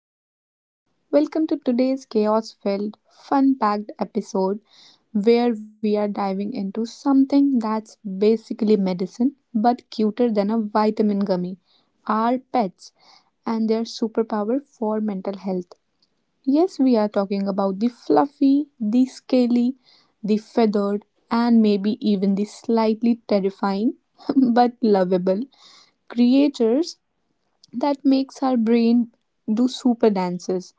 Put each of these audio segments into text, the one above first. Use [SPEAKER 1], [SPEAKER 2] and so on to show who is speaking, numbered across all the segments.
[SPEAKER 1] alike? Welcome to today's chaos filled, fun packed episode where we are diving into something that's basically medicine but cuter than a vitamin gummy, our pets and their superpower for mental health. Yes, we are talking about the fluffy, the scaly, the feathered, and maybe even the slightly terrifying but lovable creatures that makes our brain do super dances.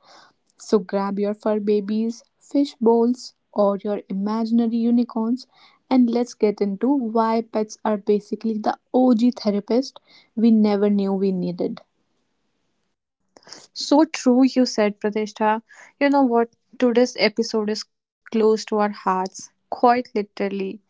[SPEAKER 1] So grab your fur babies, fish bowls, or your imaginary unicorns, and let's get into why pets are basically the OG therapist we never knew we needed.
[SPEAKER 2] So true, you said, Pratishtha. You know what? Today's episode is close to our hearts, quite literally,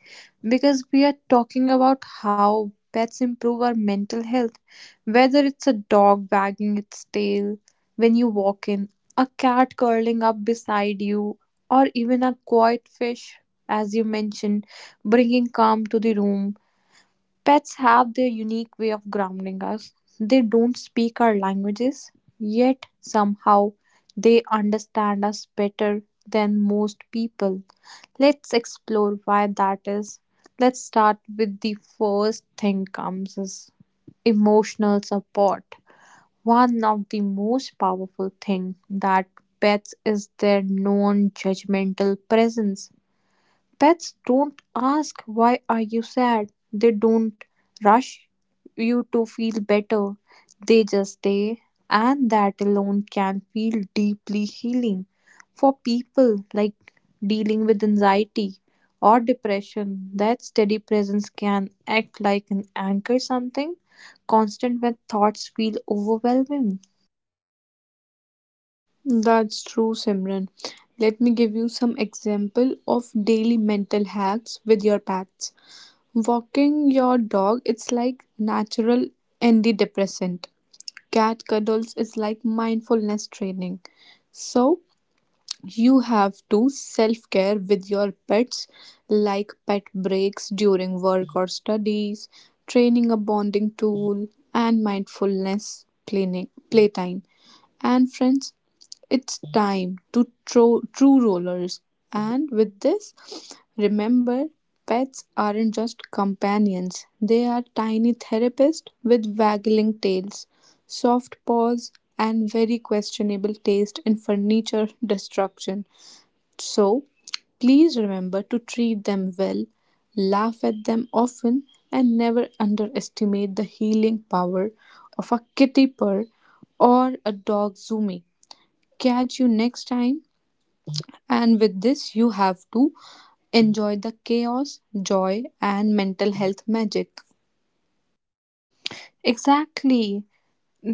[SPEAKER 2] because we are talking about how pets improve our mental health. Whether it's a dog wagging its tail when you walk in, a cat curling up beside you, or even a quiet fish, as you mentioned, bringing calm to the room. Pets have their unique way of grounding us. They don't speak our languages, yet somehow they understand us better than most people. Let's explore why that is. Let's start with the first thing comes is emotional support. One of the most powerful thing that pets is their non-judgmental presence. Pets don't ask why are you sad. They don't rush you to feel better. They just stay and that alone can feel deeply healing. For people like dealing with anxiety or depression, that steady presence can act like an anchor something constant when thoughts feel overwhelming.
[SPEAKER 1] That's true, Simran. Let me give you some example of daily mental hacks with your pets. Walking your dog, it's like natural antidepressant. Cat cuddles is like mindfulness training. So you have to self care with your pets, like pet breaks during work or studies, training a bonding tool, and mindfulness playtime. And friends, it's time to true rollers. And with this, remember pets aren't just companions, they are tiny therapists with waggling tails, soft paws, and very questionable taste in furniture destruction. So, please remember to treat them well, laugh at them often, and never underestimate the healing power of a kitty purr or a dog zoomy. Catch you next time. And with this, you have to enjoy the chaos, joy, and mental health magic.
[SPEAKER 2] Exactly.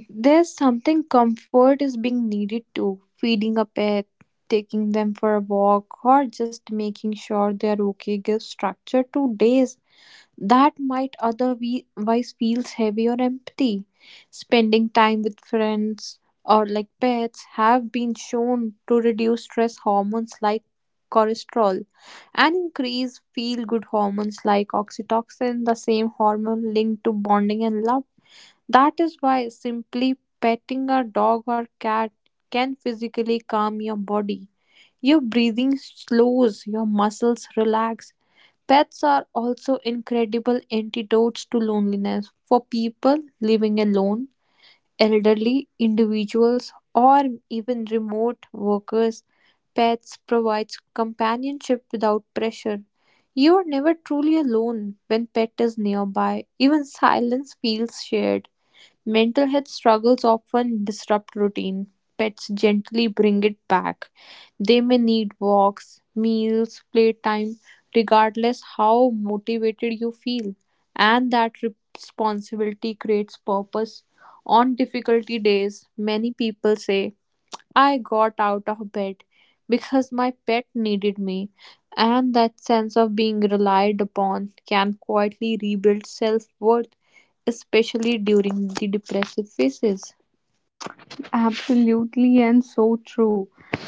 [SPEAKER 2] There's something comfort is being needed too. Feeding a pet, taking them for a walk, or just making sure they're okay gives structure to days that might otherwise feels heavy or empty. Spending time with friends or like pets have been shown to reduce stress hormones like cortisol and increase feel good hormones like oxytocin, the same hormone linked to bonding and love. That is why simply petting a dog or cat can physically calm your body. Your breathing slows, your muscles relax. Pets are also incredible antidotes to loneliness for people living alone, elderly individuals, or even remote workers. Pets provides companionship without pressure. You are never truly alone when pet is nearby. Even silence feels shared. Mental health struggles often disrupt routine. Pets gently bring it back. They may need walks, meals, playtime, regardless how motivated you feel. And that responsibility creates purpose. On difficulty days, many people say, I got out of bed because my pet needed me, and that sense of being relied upon can quietly rebuild self worth, especially during the depressive phases.
[SPEAKER 1] Absolutely, and so true.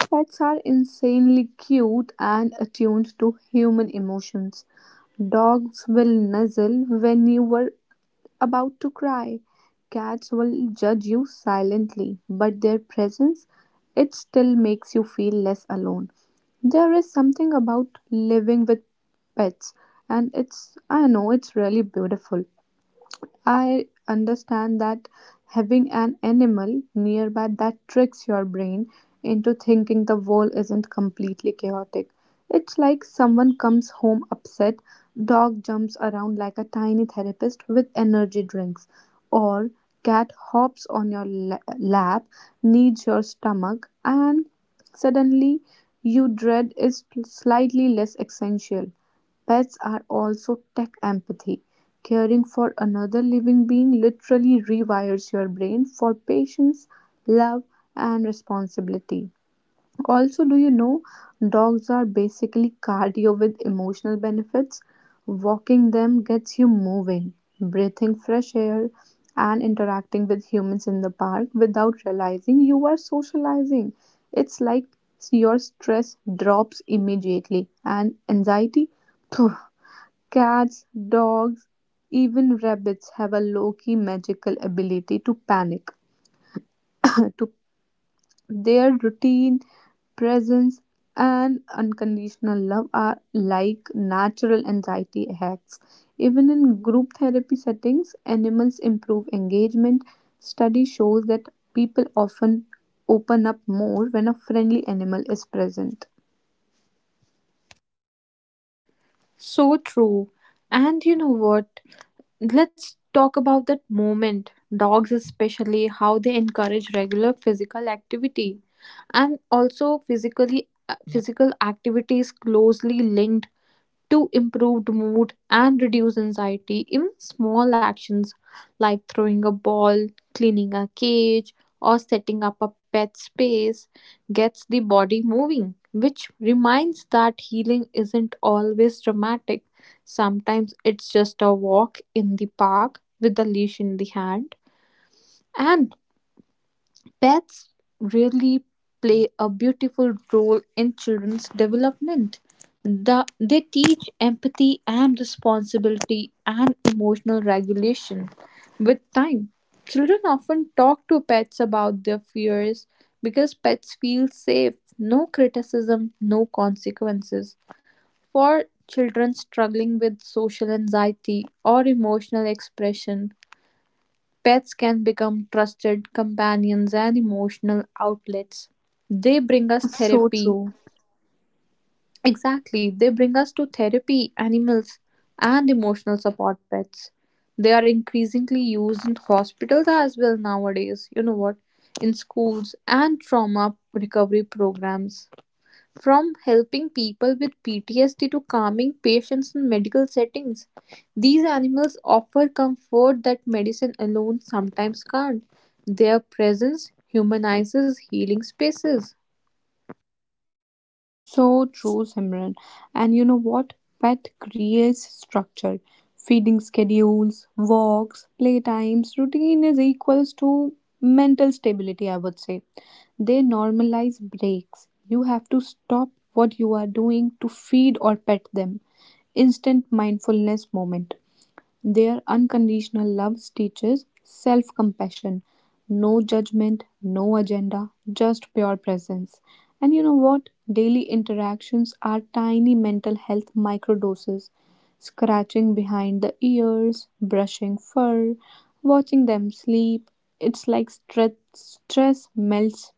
[SPEAKER 1] Pets are insanely cute and attuned to human emotions. Dogs will nuzzle when you are about to cry. Cats will judge you silently, but their presence it still makes you feel less alone. There is something about living with pets and it's, I know, it's really beautiful. I understand that having an animal nearby that tricks your brain into thinking the world isn't completely chaotic. It's like someone comes home upset, dog jumps around like a tiny therapist with energy drinks, or cat hops on your lap, kneads your stomach, and suddenly you dread is slightly less essential. Pets are also tech empathy. Caring for another living being literally rewires your brain for patience, love, and responsibility. Also, do you know dogs are basically cardio with emotional benefits? Walking them gets you moving, breathing fresh air, and interacting with humans in the park without realizing you are socializing. It's like your stress drops immediately and anxiety phew, cats, dogs, even rabbits have a low key magical ability to panic. to their routine, presence, and unconditional love are like natural anxiety hacks. Even in group therapy settings, animals improve engagement. Study shows that people often open up more when a friendly animal is present.
[SPEAKER 2] So true. And you know what? Let's talk about that moment. Dogs, especially, how they encourage regular physical activity and also physically physical activity is closely linked to improved mood and reduce anxiety. Even small actions like throwing a ball, cleaning a cage, or setting up a pet space gets the body moving, which reminds that healing isn't always dramatic. Sometimes it's just a walk in the park with a leash in the hand. And pets really play a beautiful role in children's development. They teach empathy and responsibility and emotional regulation. With time, children often talk to pets about their fears because pets feel safe, no criticism, no consequences. For children struggling with social anxiety or emotional expression, pets can become trusted companions and emotional outlets. They bring us
[SPEAKER 1] So
[SPEAKER 2] therapy.
[SPEAKER 1] true.
[SPEAKER 2] Exactly, they bring us to therapy, animals, and emotional support pets. They are increasingly used in hospitals as well nowadays, you know what, in schools and trauma recovery programs. From helping people with PTSD to calming patients in medical settings, these animals offer comfort that medicine alone sometimes can't. Their presence humanizes healing spaces.
[SPEAKER 1] So true, Simran. And you know what? Pet creates structure. Feeding schedules, walks, playtimes, routine is equals to mental stability, I would say. They normalize breaks. You have to stop what you are doing to feed or pet them. Instant mindfulness moment. Their unconditional love teaches self compassion, no judgment, no agenda, just pure presence. And you know what? Daily interactions are tiny mental health microdoses scratching behind the ears, brushing fur, watching them sleep. It's like stress melts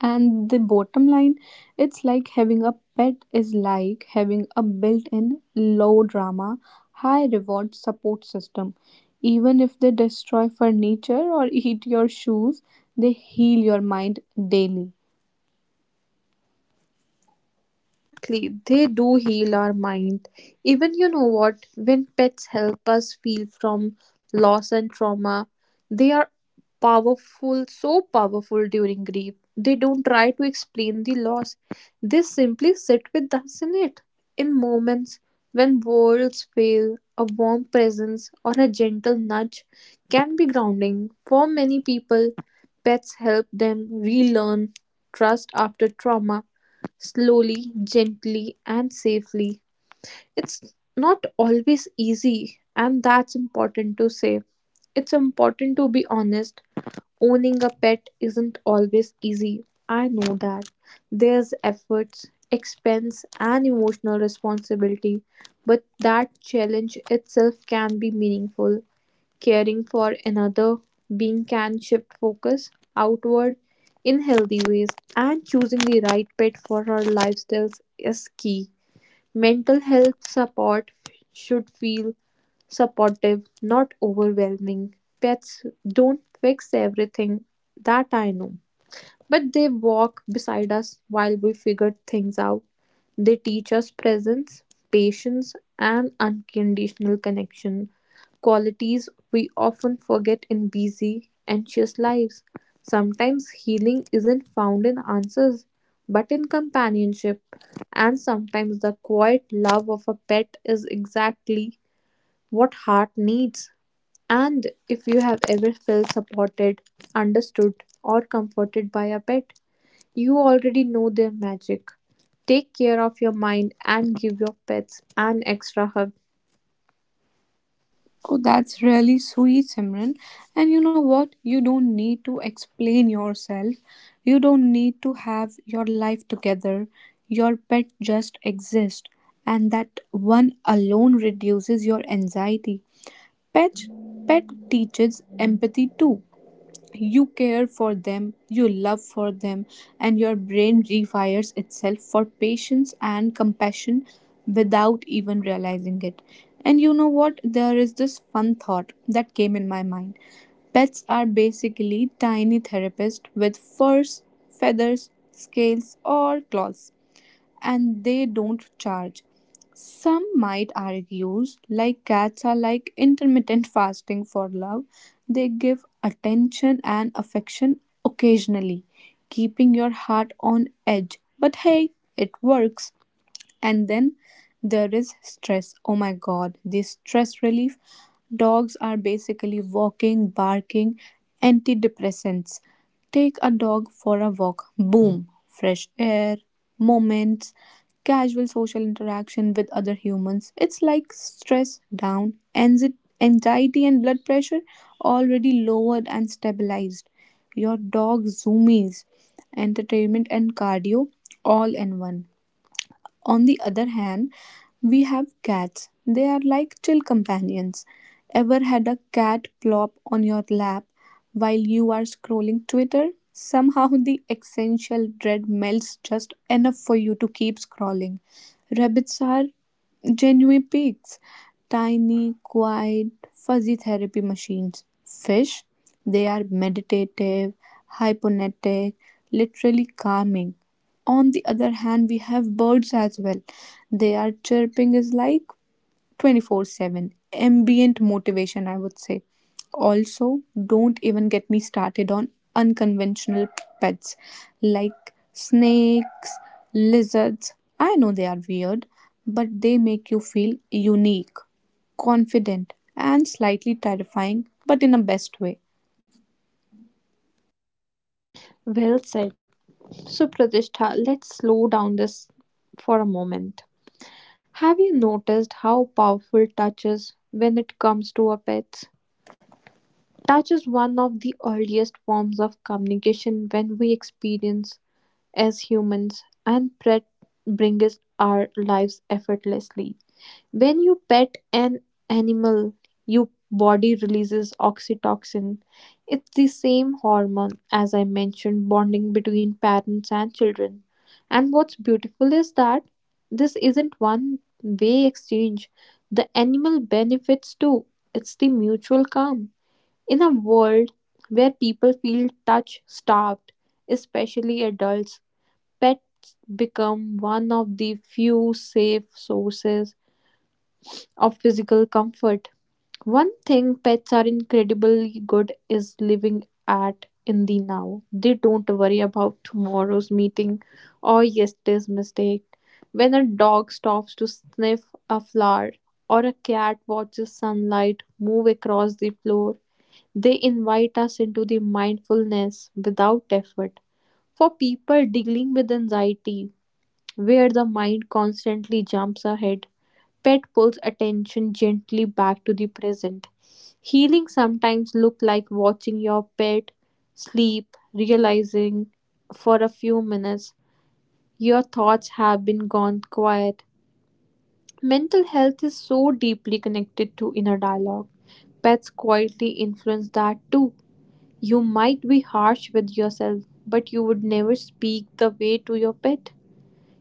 [SPEAKER 1] and the bottom line, it's like having a pet is like having a built in low drama, high reward support system. Even if they destroy furniture or eat your shoes, they heal your mind daily.
[SPEAKER 2] Exactly, they do heal our mind. Even you know what, when pets help us heal from loss and trauma, they are powerful, so powerful during grief. They don't try to explain the loss, they simply sit with us in it. In moments when worlds fail, a warm presence or a gentle nudge can be grounding. For many people, pets help them relearn trust after trauma slowly, gently, and safely. It's not always easy, and that's important to say. It's important to be honest. Owning a pet isn't always easy. I know that. There's efforts, expense, and emotional responsibility, but that challenge itself can be meaningful. Caring for another being can shift focus outward in healthy ways, and choosing the right pet for our lifestyles is key. Mental health support should feel supportive, not overwhelming. Pets don't fix everything that I know. But they walk beside us while we figure things out. They teach us presence, patience, and unconditional connection, qualities we often forget in busy, anxious lives. Sometimes healing isn't found in answers, but in companionship. And sometimes the quiet love of a pet is exactly what heart needs. And if you have ever felt supported, understood, or comforted by a pet, you already know their magic. Take care of your mind and give your pets an extra hug.
[SPEAKER 1] Oh, that's really sweet, Simran. And you know what? You don't need to explain yourself. You don't need to have your life together. Your pet just exists. And that one alone reduces your anxiety. Pet pet teaches empathy too. You care for them, you love for them, and your brain rewires itself for patience and compassion without even realizing it. And you know what? There is this fun thought that came in my mind. Pets are basically tiny therapists with furs, feathers, scales, or claws and they don't charge. Some might argue, like cats are like intermittent fasting for love, they give attention and affection occasionally, keeping your heart on edge. But hey, it works. And then there is stress. Oh my god, the stress relief. Dogs are basically walking, barking antidepressants. Take a dog for a walk. Boom, fresh air, moments, casual social interaction with other humans. It's like stress down, anxiety, and blood pressure already lowered and stabilized. Your dog zoomies, entertainment, and cardio all in one. On the other hand, we have cats. They are like chill companions. Ever had a cat plop on your lap while you are scrolling Twitter? Somehow the essential dread melts just enough for you to keep scrolling. Rabbits are genuine pigs, tiny, quiet, fuzzy therapy machines. Fish, they are meditative, hypnotic, literally calming. On the other hand, we have birds as well. Their chirping is like 24/7 ambient motivation, I would say. Also, don't even get me started on unconventional pets like snakes, lizards. I know they are weird, but they make you feel unique, confident, and slightly terrifying, but in a best way.
[SPEAKER 2] Well said. So, Pratishtha, let's slow down this for a moment. Have you noticed how powerful touch is when it comes to a pet? Touch is one of the earliest forms of communication when we experience as humans, and pet brings our lives effortlessly. When you pet an animal, your body releases oxytocin. It's the same hormone as I mentioned bonding between parents and children. And what's beautiful is that this isn't one way exchange. The animal benefits too. It's the mutual calm. In a world where people feel touch starved, especially adults, pets become one of the few safe sources of physical comfort. One thing pets are incredibly good is living at in the now. They don't worry about tomorrow's meeting or yesterday's mistake. When a dog stops to sniff a flower or a cat watches sunlight move across the floor, they invite us into the mindfulness without effort. For people dealing with anxiety, where the mind constantly jumps ahead, pet pulls attention gently back to the present. Healing sometimes look like watching your pet sleep, realizing for a few minutes your thoughts have been gone quiet. Mental health is so deeply connected to inner dialogue. Pets quietly influence that too. You might be harsh with yourself, but you would never speak the way to your pet.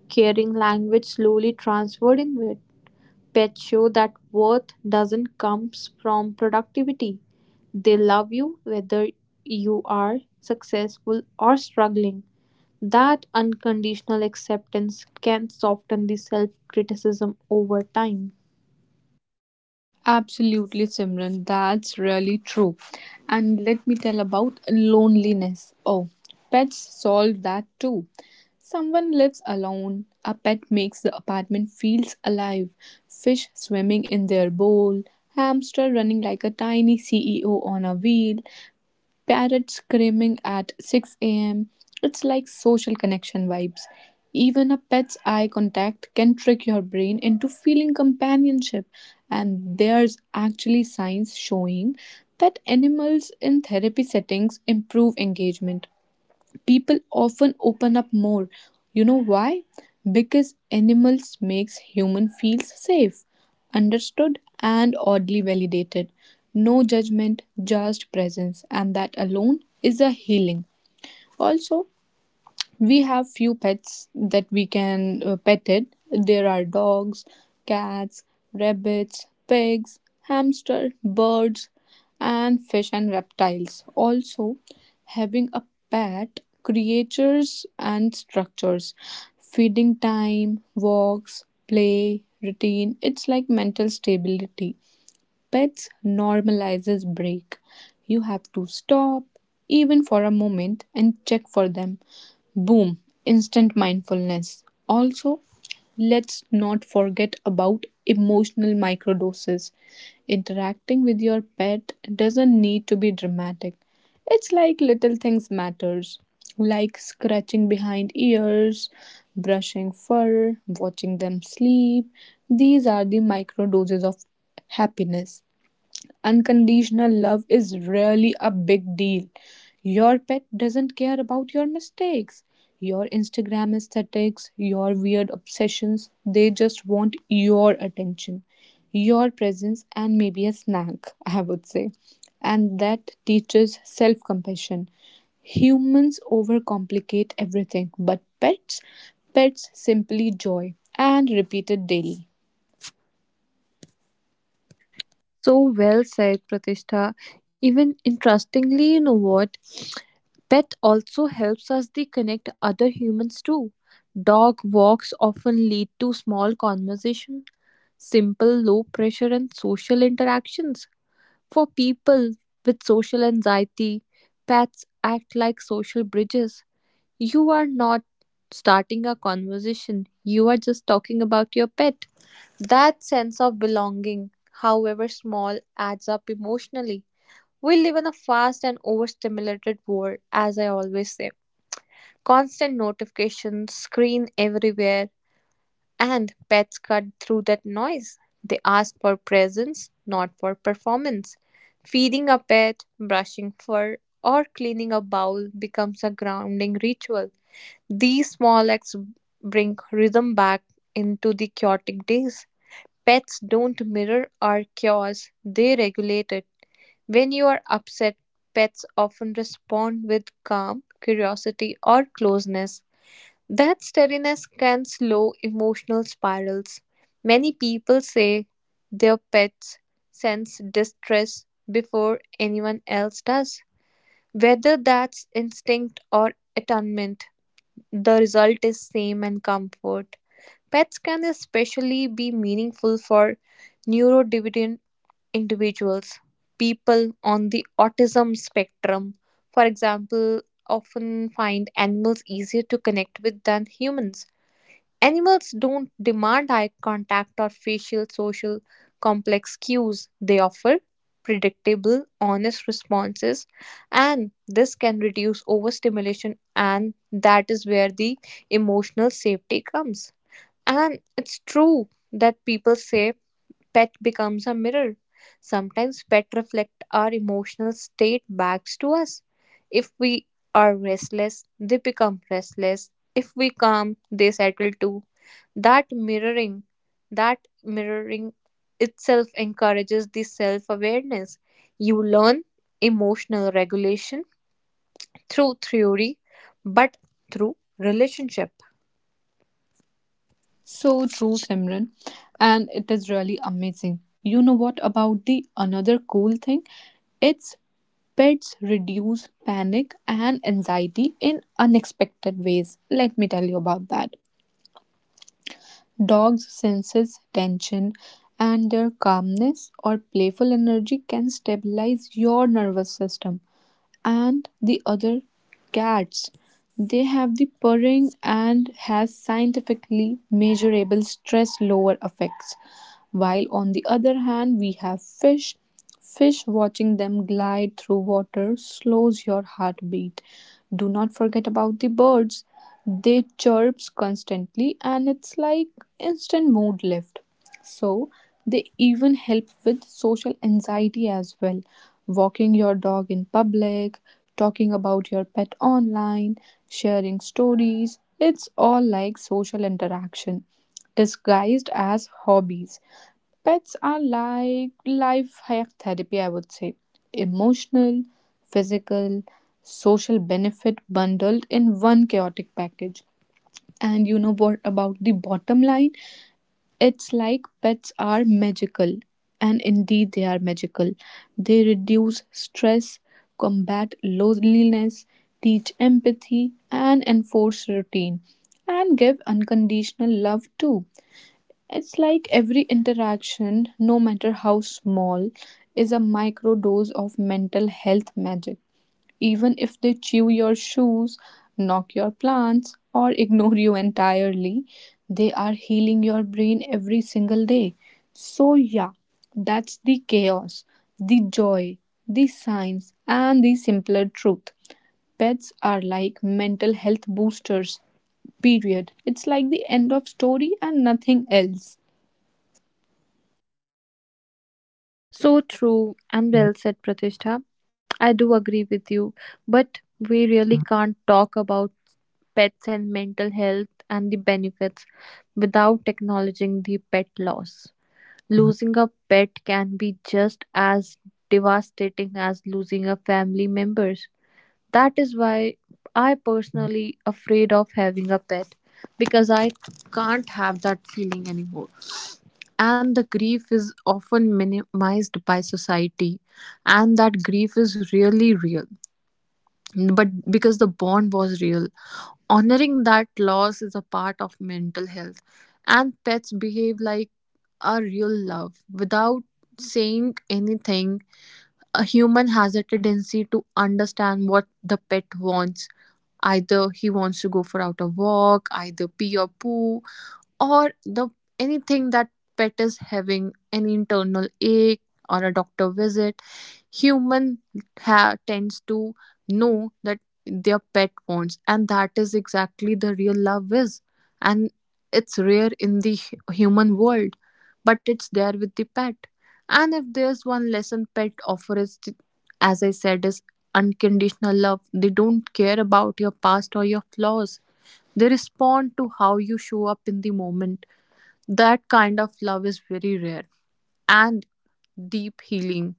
[SPEAKER 2] Caring language slowly transferred inward. Pets show that worth doesn't come from productivity. They love you whether you are successful or struggling. That unconditional acceptance can soften the self criticism over time.
[SPEAKER 1] Absolutely, Simran. That's really true. And let me tell about loneliness. Oh, pets solve that too. Someone lives alone. A pet makes the apartment feels alive. Fish swimming in their bowl. Hamster running like a tiny CEO on a wheel. Parrots screaming at 6 am. It's like social connection vibes. Even a pet's eye contact can trick your brain into feeling companionship. And there's actually science showing that animals in therapy settings improve engagement, people often open up more, you know why? Because animals makes human feels safe, understood, and oddly validated, no judgment, just presence, and that alone is a healing. Also, we have few pets that we can pet it. There are dogs, cats, rabbits, pigs, hamster, birds, and fish and reptiles. Also, having a pet creatures and structures, feeding time, walks, play, routine. It's like mental stability. Pets normalizes break. You have to stop even for a moment and check for them. Boom, instant mindfulness. Also, let's not forget about emotional microdoses. Interacting with your pet doesn't need to be dramatic. It's like little things matters, like scratching behind ears, brushing fur, watching them sleep. These are the microdoses of happiness, unconditional love is really a big deal. Your pet doesn't care about your mistakes, your Instagram aesthetics, your weird obsessions. They just want your attention, your presence, and maybe a snack, I would say. And that teaches self compassion. Humans overcomplicate everything, but pets simply joy and repeat it daily.
[SPEAKER 2] So well said, Pratishtha. Even interestingly, you know what? Pet also helps us they connect other humans too. Dog walks often lead to small conversation, simple low pressure and social interactions. For people with social anxiety, pets act like social bridges. You are not starting a conversation, you are just talking about your pet. That sense of belonging, however small, adds up emotionally. We live in a fast and overstimulated world, as I always say. Constant notifications, screen everywhere, and pets cut through that noise. They ask for presence, not for performance. Feeding a pet, brushing fur, or cleaning a bowl becomes a grounding ritual. These small acts bring rhythm back into the chaotic days. Pets don't mirror our chaos, they regulate it. When you are upset, pets often respond with calm, curiosity, or closeness. That steadiness can slow emotional spirals. Many people say their pets sense distress before anyone else does. Whether that's instinct or attunement, the result is same and comfort. Pets can especially be meaningful for neurodivergent individuals, people on the autism spectrum, for example, often find animals easier to connect with than humans. Animals don't demand eye contact or facial social complex cues. They offer predictable, honest responses, and this can reduce overstimulation, and that is where the emotional safety comes. And it's true that people say pet becomes a mirror. Sometimes pet reflect our emotional state back to us. If we are restless, they become restless. If we calm, they settle too. That mirroring, that mirroring itself encourages the self-awareness. You learn emotional regulation through theory, but through relationship.
[SPEAKER 1] So true, Simran. And it is really amazing. You know what about the another cool thing? It's pets reduce panic and anxiety in unexpected ways. Let me tell you about that. Dogs senses tension and their calmness or playful energy can stabilize your nervous system and the other cats. They have the purring and has scientifically measurable stress lower effects. While on the other hand, we have fish. Fish watching them glide through water slows your heartbeat. Do not forget about the birds. They chirps constantly and it's like instant mood lift. So, they even help with social anxiety as well. Walking your dog in public, talking about your pet online, sharing stories, it's all like social interaction disguised as hobbies. Pets are like life hack therapy, I would say. Emotional, physical, social benefit bundled in one chaotic package. And you know what about the bottom line? It's like pets are magical, and indeed they are magical. They reduce stress, combat loneliness, teach empathy, and enforce routine, and give unconditional love too. It's like every interaction, no matter how small, is a microdose of mental health magic, even if they chew your shoes, knock your plants, or ignore you entirely, they are healing your brain every single day. So, yeah, that's the chaos, the joy, the science, and the simpler truth. Pets are like mental health boosters, period. It's like the end of story and nothing else.
[SPEAKER 2] So true and well said, Pratishtha. I do agree with you, but we really can't talk about pets and mental health and the benefits without acknowledging the pet loss. Losing a pet can be just as devastating as losing a family members. That is why I personally afraid of having a pet because I can't have that feeling anymore and the grief is often minimized by society and that grief is really real but because the bond was real honoring that loss is a part of mental health and pets behave like a real love without saying anything a human has a tendency to understand what the pet wants either he wants to go for out a walk either pee or poo or the anything that pet is having an internal ache or a doctor visit. Human tends to know that their pet wants, and that is exactly the real love is. And it's rare in the human world, but it's there with the pet. And if there's one lesson pet offers, as I said, is unconditional love. They don't care about your past or your flaws they respond to how you show up in the moment that kind of love is very rare and deep healing.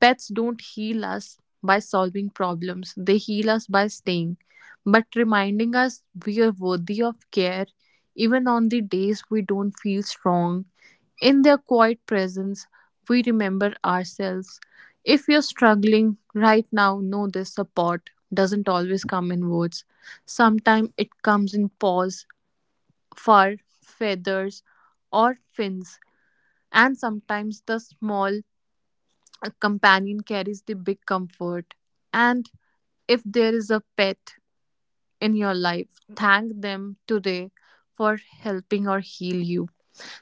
[SPEAKER 2] Pets don't heal us by solving problems, they heal us by staying, but reminding us we are worthy of care even on the days we don't feel strong. In their quiet presence, we remember ourselves. If you're struggling right now, know this support doesn't always come in words. Sometimes it comes in paws, fur, feathers, or fins, and sometimes the small a companion carries the big comfort. And if there is a pet in your life, thank them today for helping or heal you.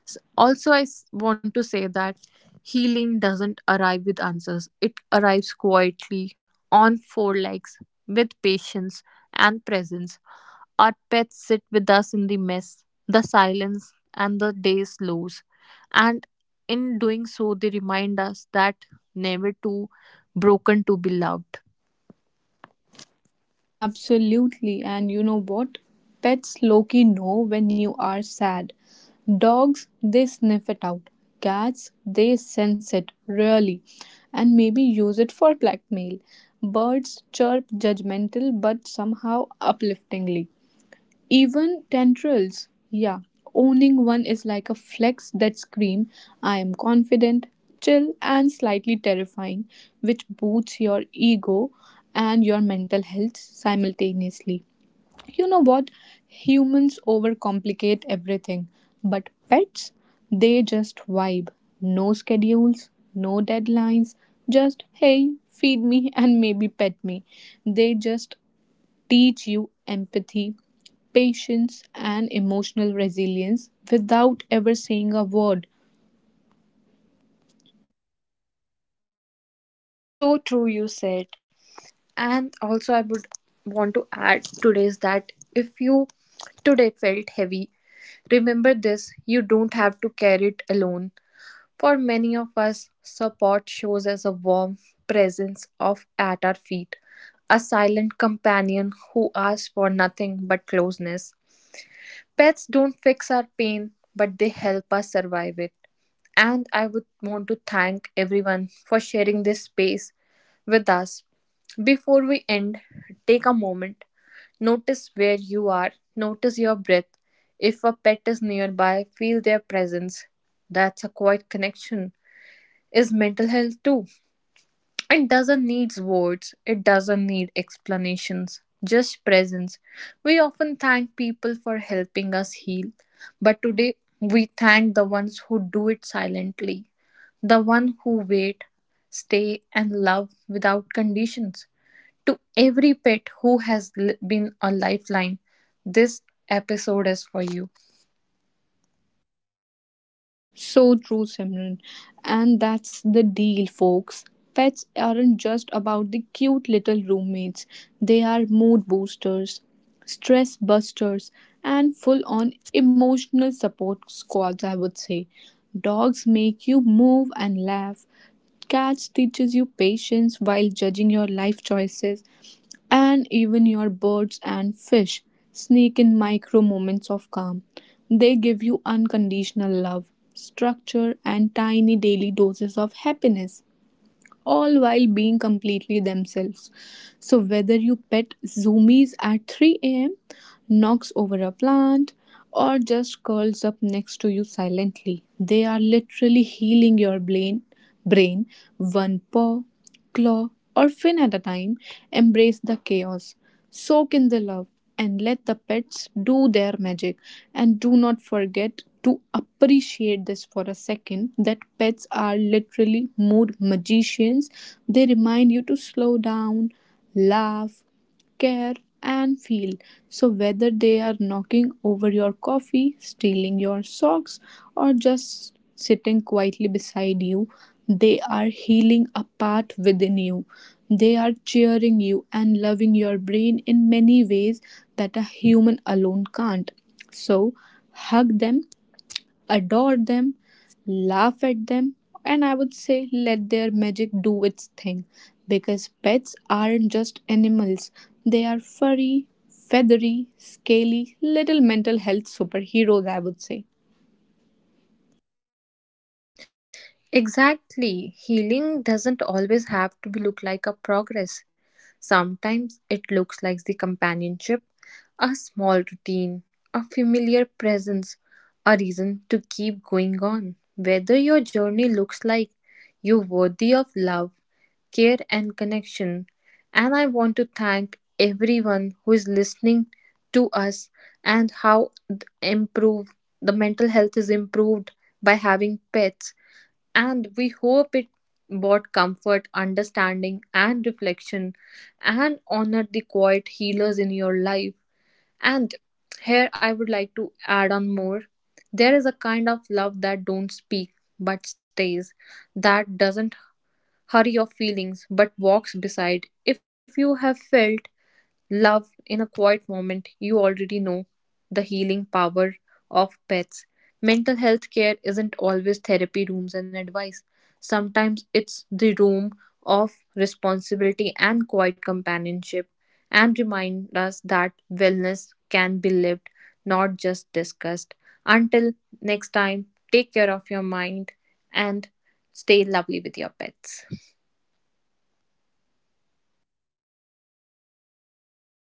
[SPEAKER 2] Also, I want to say that healing doesn't arrive with answers, it arrives quietly on four legs with patience and presence. Our pets sit with us in the mess, the silence, and the days slows. And in doing so, they remind us that never too broken to be loved.
[SPEAKER 1] Absolutely. And you know what? Pets Loki know when you are sad. Dogs, they sniff it out. Cats, they sense it, really, and maybe use it for blackmail. Birds chirp judgmental but somehow upliftingly. Even tendrils. Yeah. Owning one is like a flex that scream, I am confident, chill, and slightly terrifying, which boosts your ego and your mental health simultaneously. You know what? Humans overcomplicate everything, but pets, they just vibe. No schedules, no deadlines, just hey, feed me and maybe pet me. They just teach you empathy, patience, and emotional resilience without ever saying a word.
[SPEAKER 2] So true, you said. And also, I would want to add today's that if you today felt heavy, remember this you don't have to carry it alone. For many of us, support shows as a warm presence of at our feet, a silent companion who asks for nothing but closeness. Pets don't fix our pain, but they help us survive it. And I would want to thank everyone for sharing this space with us. Before we end, take a moment. Notice where you are. Notice your breath. If a pet is nearby, feel their presence. That's a quiet connection is mental health too. It doesn't need words, it doesn't need explanations, just presence. We often thank people for helping us heal, but today we thank the ones who do it silently, the one who wait, stay, and love without conditions. To every pet who has been a lifeline, this episode is for you.
[SPEAKER 1] So true, Simran. And that's the deal, folks. Pets aren't just about the cute little roommates, they are mood boosters, stress busters, and full on emotional support squads, I would say. Dogs make you move and laugh. Cats teaches you patience while judging your life choices. And even your birds and fish sneak in micro moments of calm. They give you unconditional love, structure, and tiny daily doses of happiness all while being completely themselves. So, whether you pet zoomies at 3 a.m., knocks over a plant, or just curls up next to you silently, they are literally healing your brain one paw, claw, or fin at a time. Embrace the chaos, soak in the love, and let the pets do their magic. And do not forget to appreciate this for a second that pets are literally mood magicians. They remind you to slow down, laugh, care, and feel. So, whether they are knocking over your coffee, stealing your socks, or just sitting quietly beside you, they are healing a part within you. They are cheering you and loving your brain in many ways that a human alone can't. So, hug them, adore them, laugh at them, and I would say let their magic do its thing. Because pets aren't just animals, they are furry, feathery, scaly, little mental health superheroes, I would say.
[SPEAKER 2] Exactly. Healing doesn't always have to be look like a progress. Sometimes it looks like the companionship, a small routine, a familiar presence, a reason to keep going on. Whether your journey looks like you're worthy of love, care and connection. And I want to thank everyone who is listening to us and how improve the mental health is improved by having pets and we hope it brought comfort, understanding, and reflection, and honored the quiet healers in your life. And here I would like to add on more. There is a kind of love that don't speak but stays, that doesn't hurry your feelings but walks beside. If you have felt love in a quiet moment, you already know the healing power of pets. Mental health care isn't always therapy rooms and advice. Sometimes it's the room of responsibility and quiet companionship, and remind us that wellness can be lived, not just discussed. Until next time, take care of your mind and stay lovely with your pets.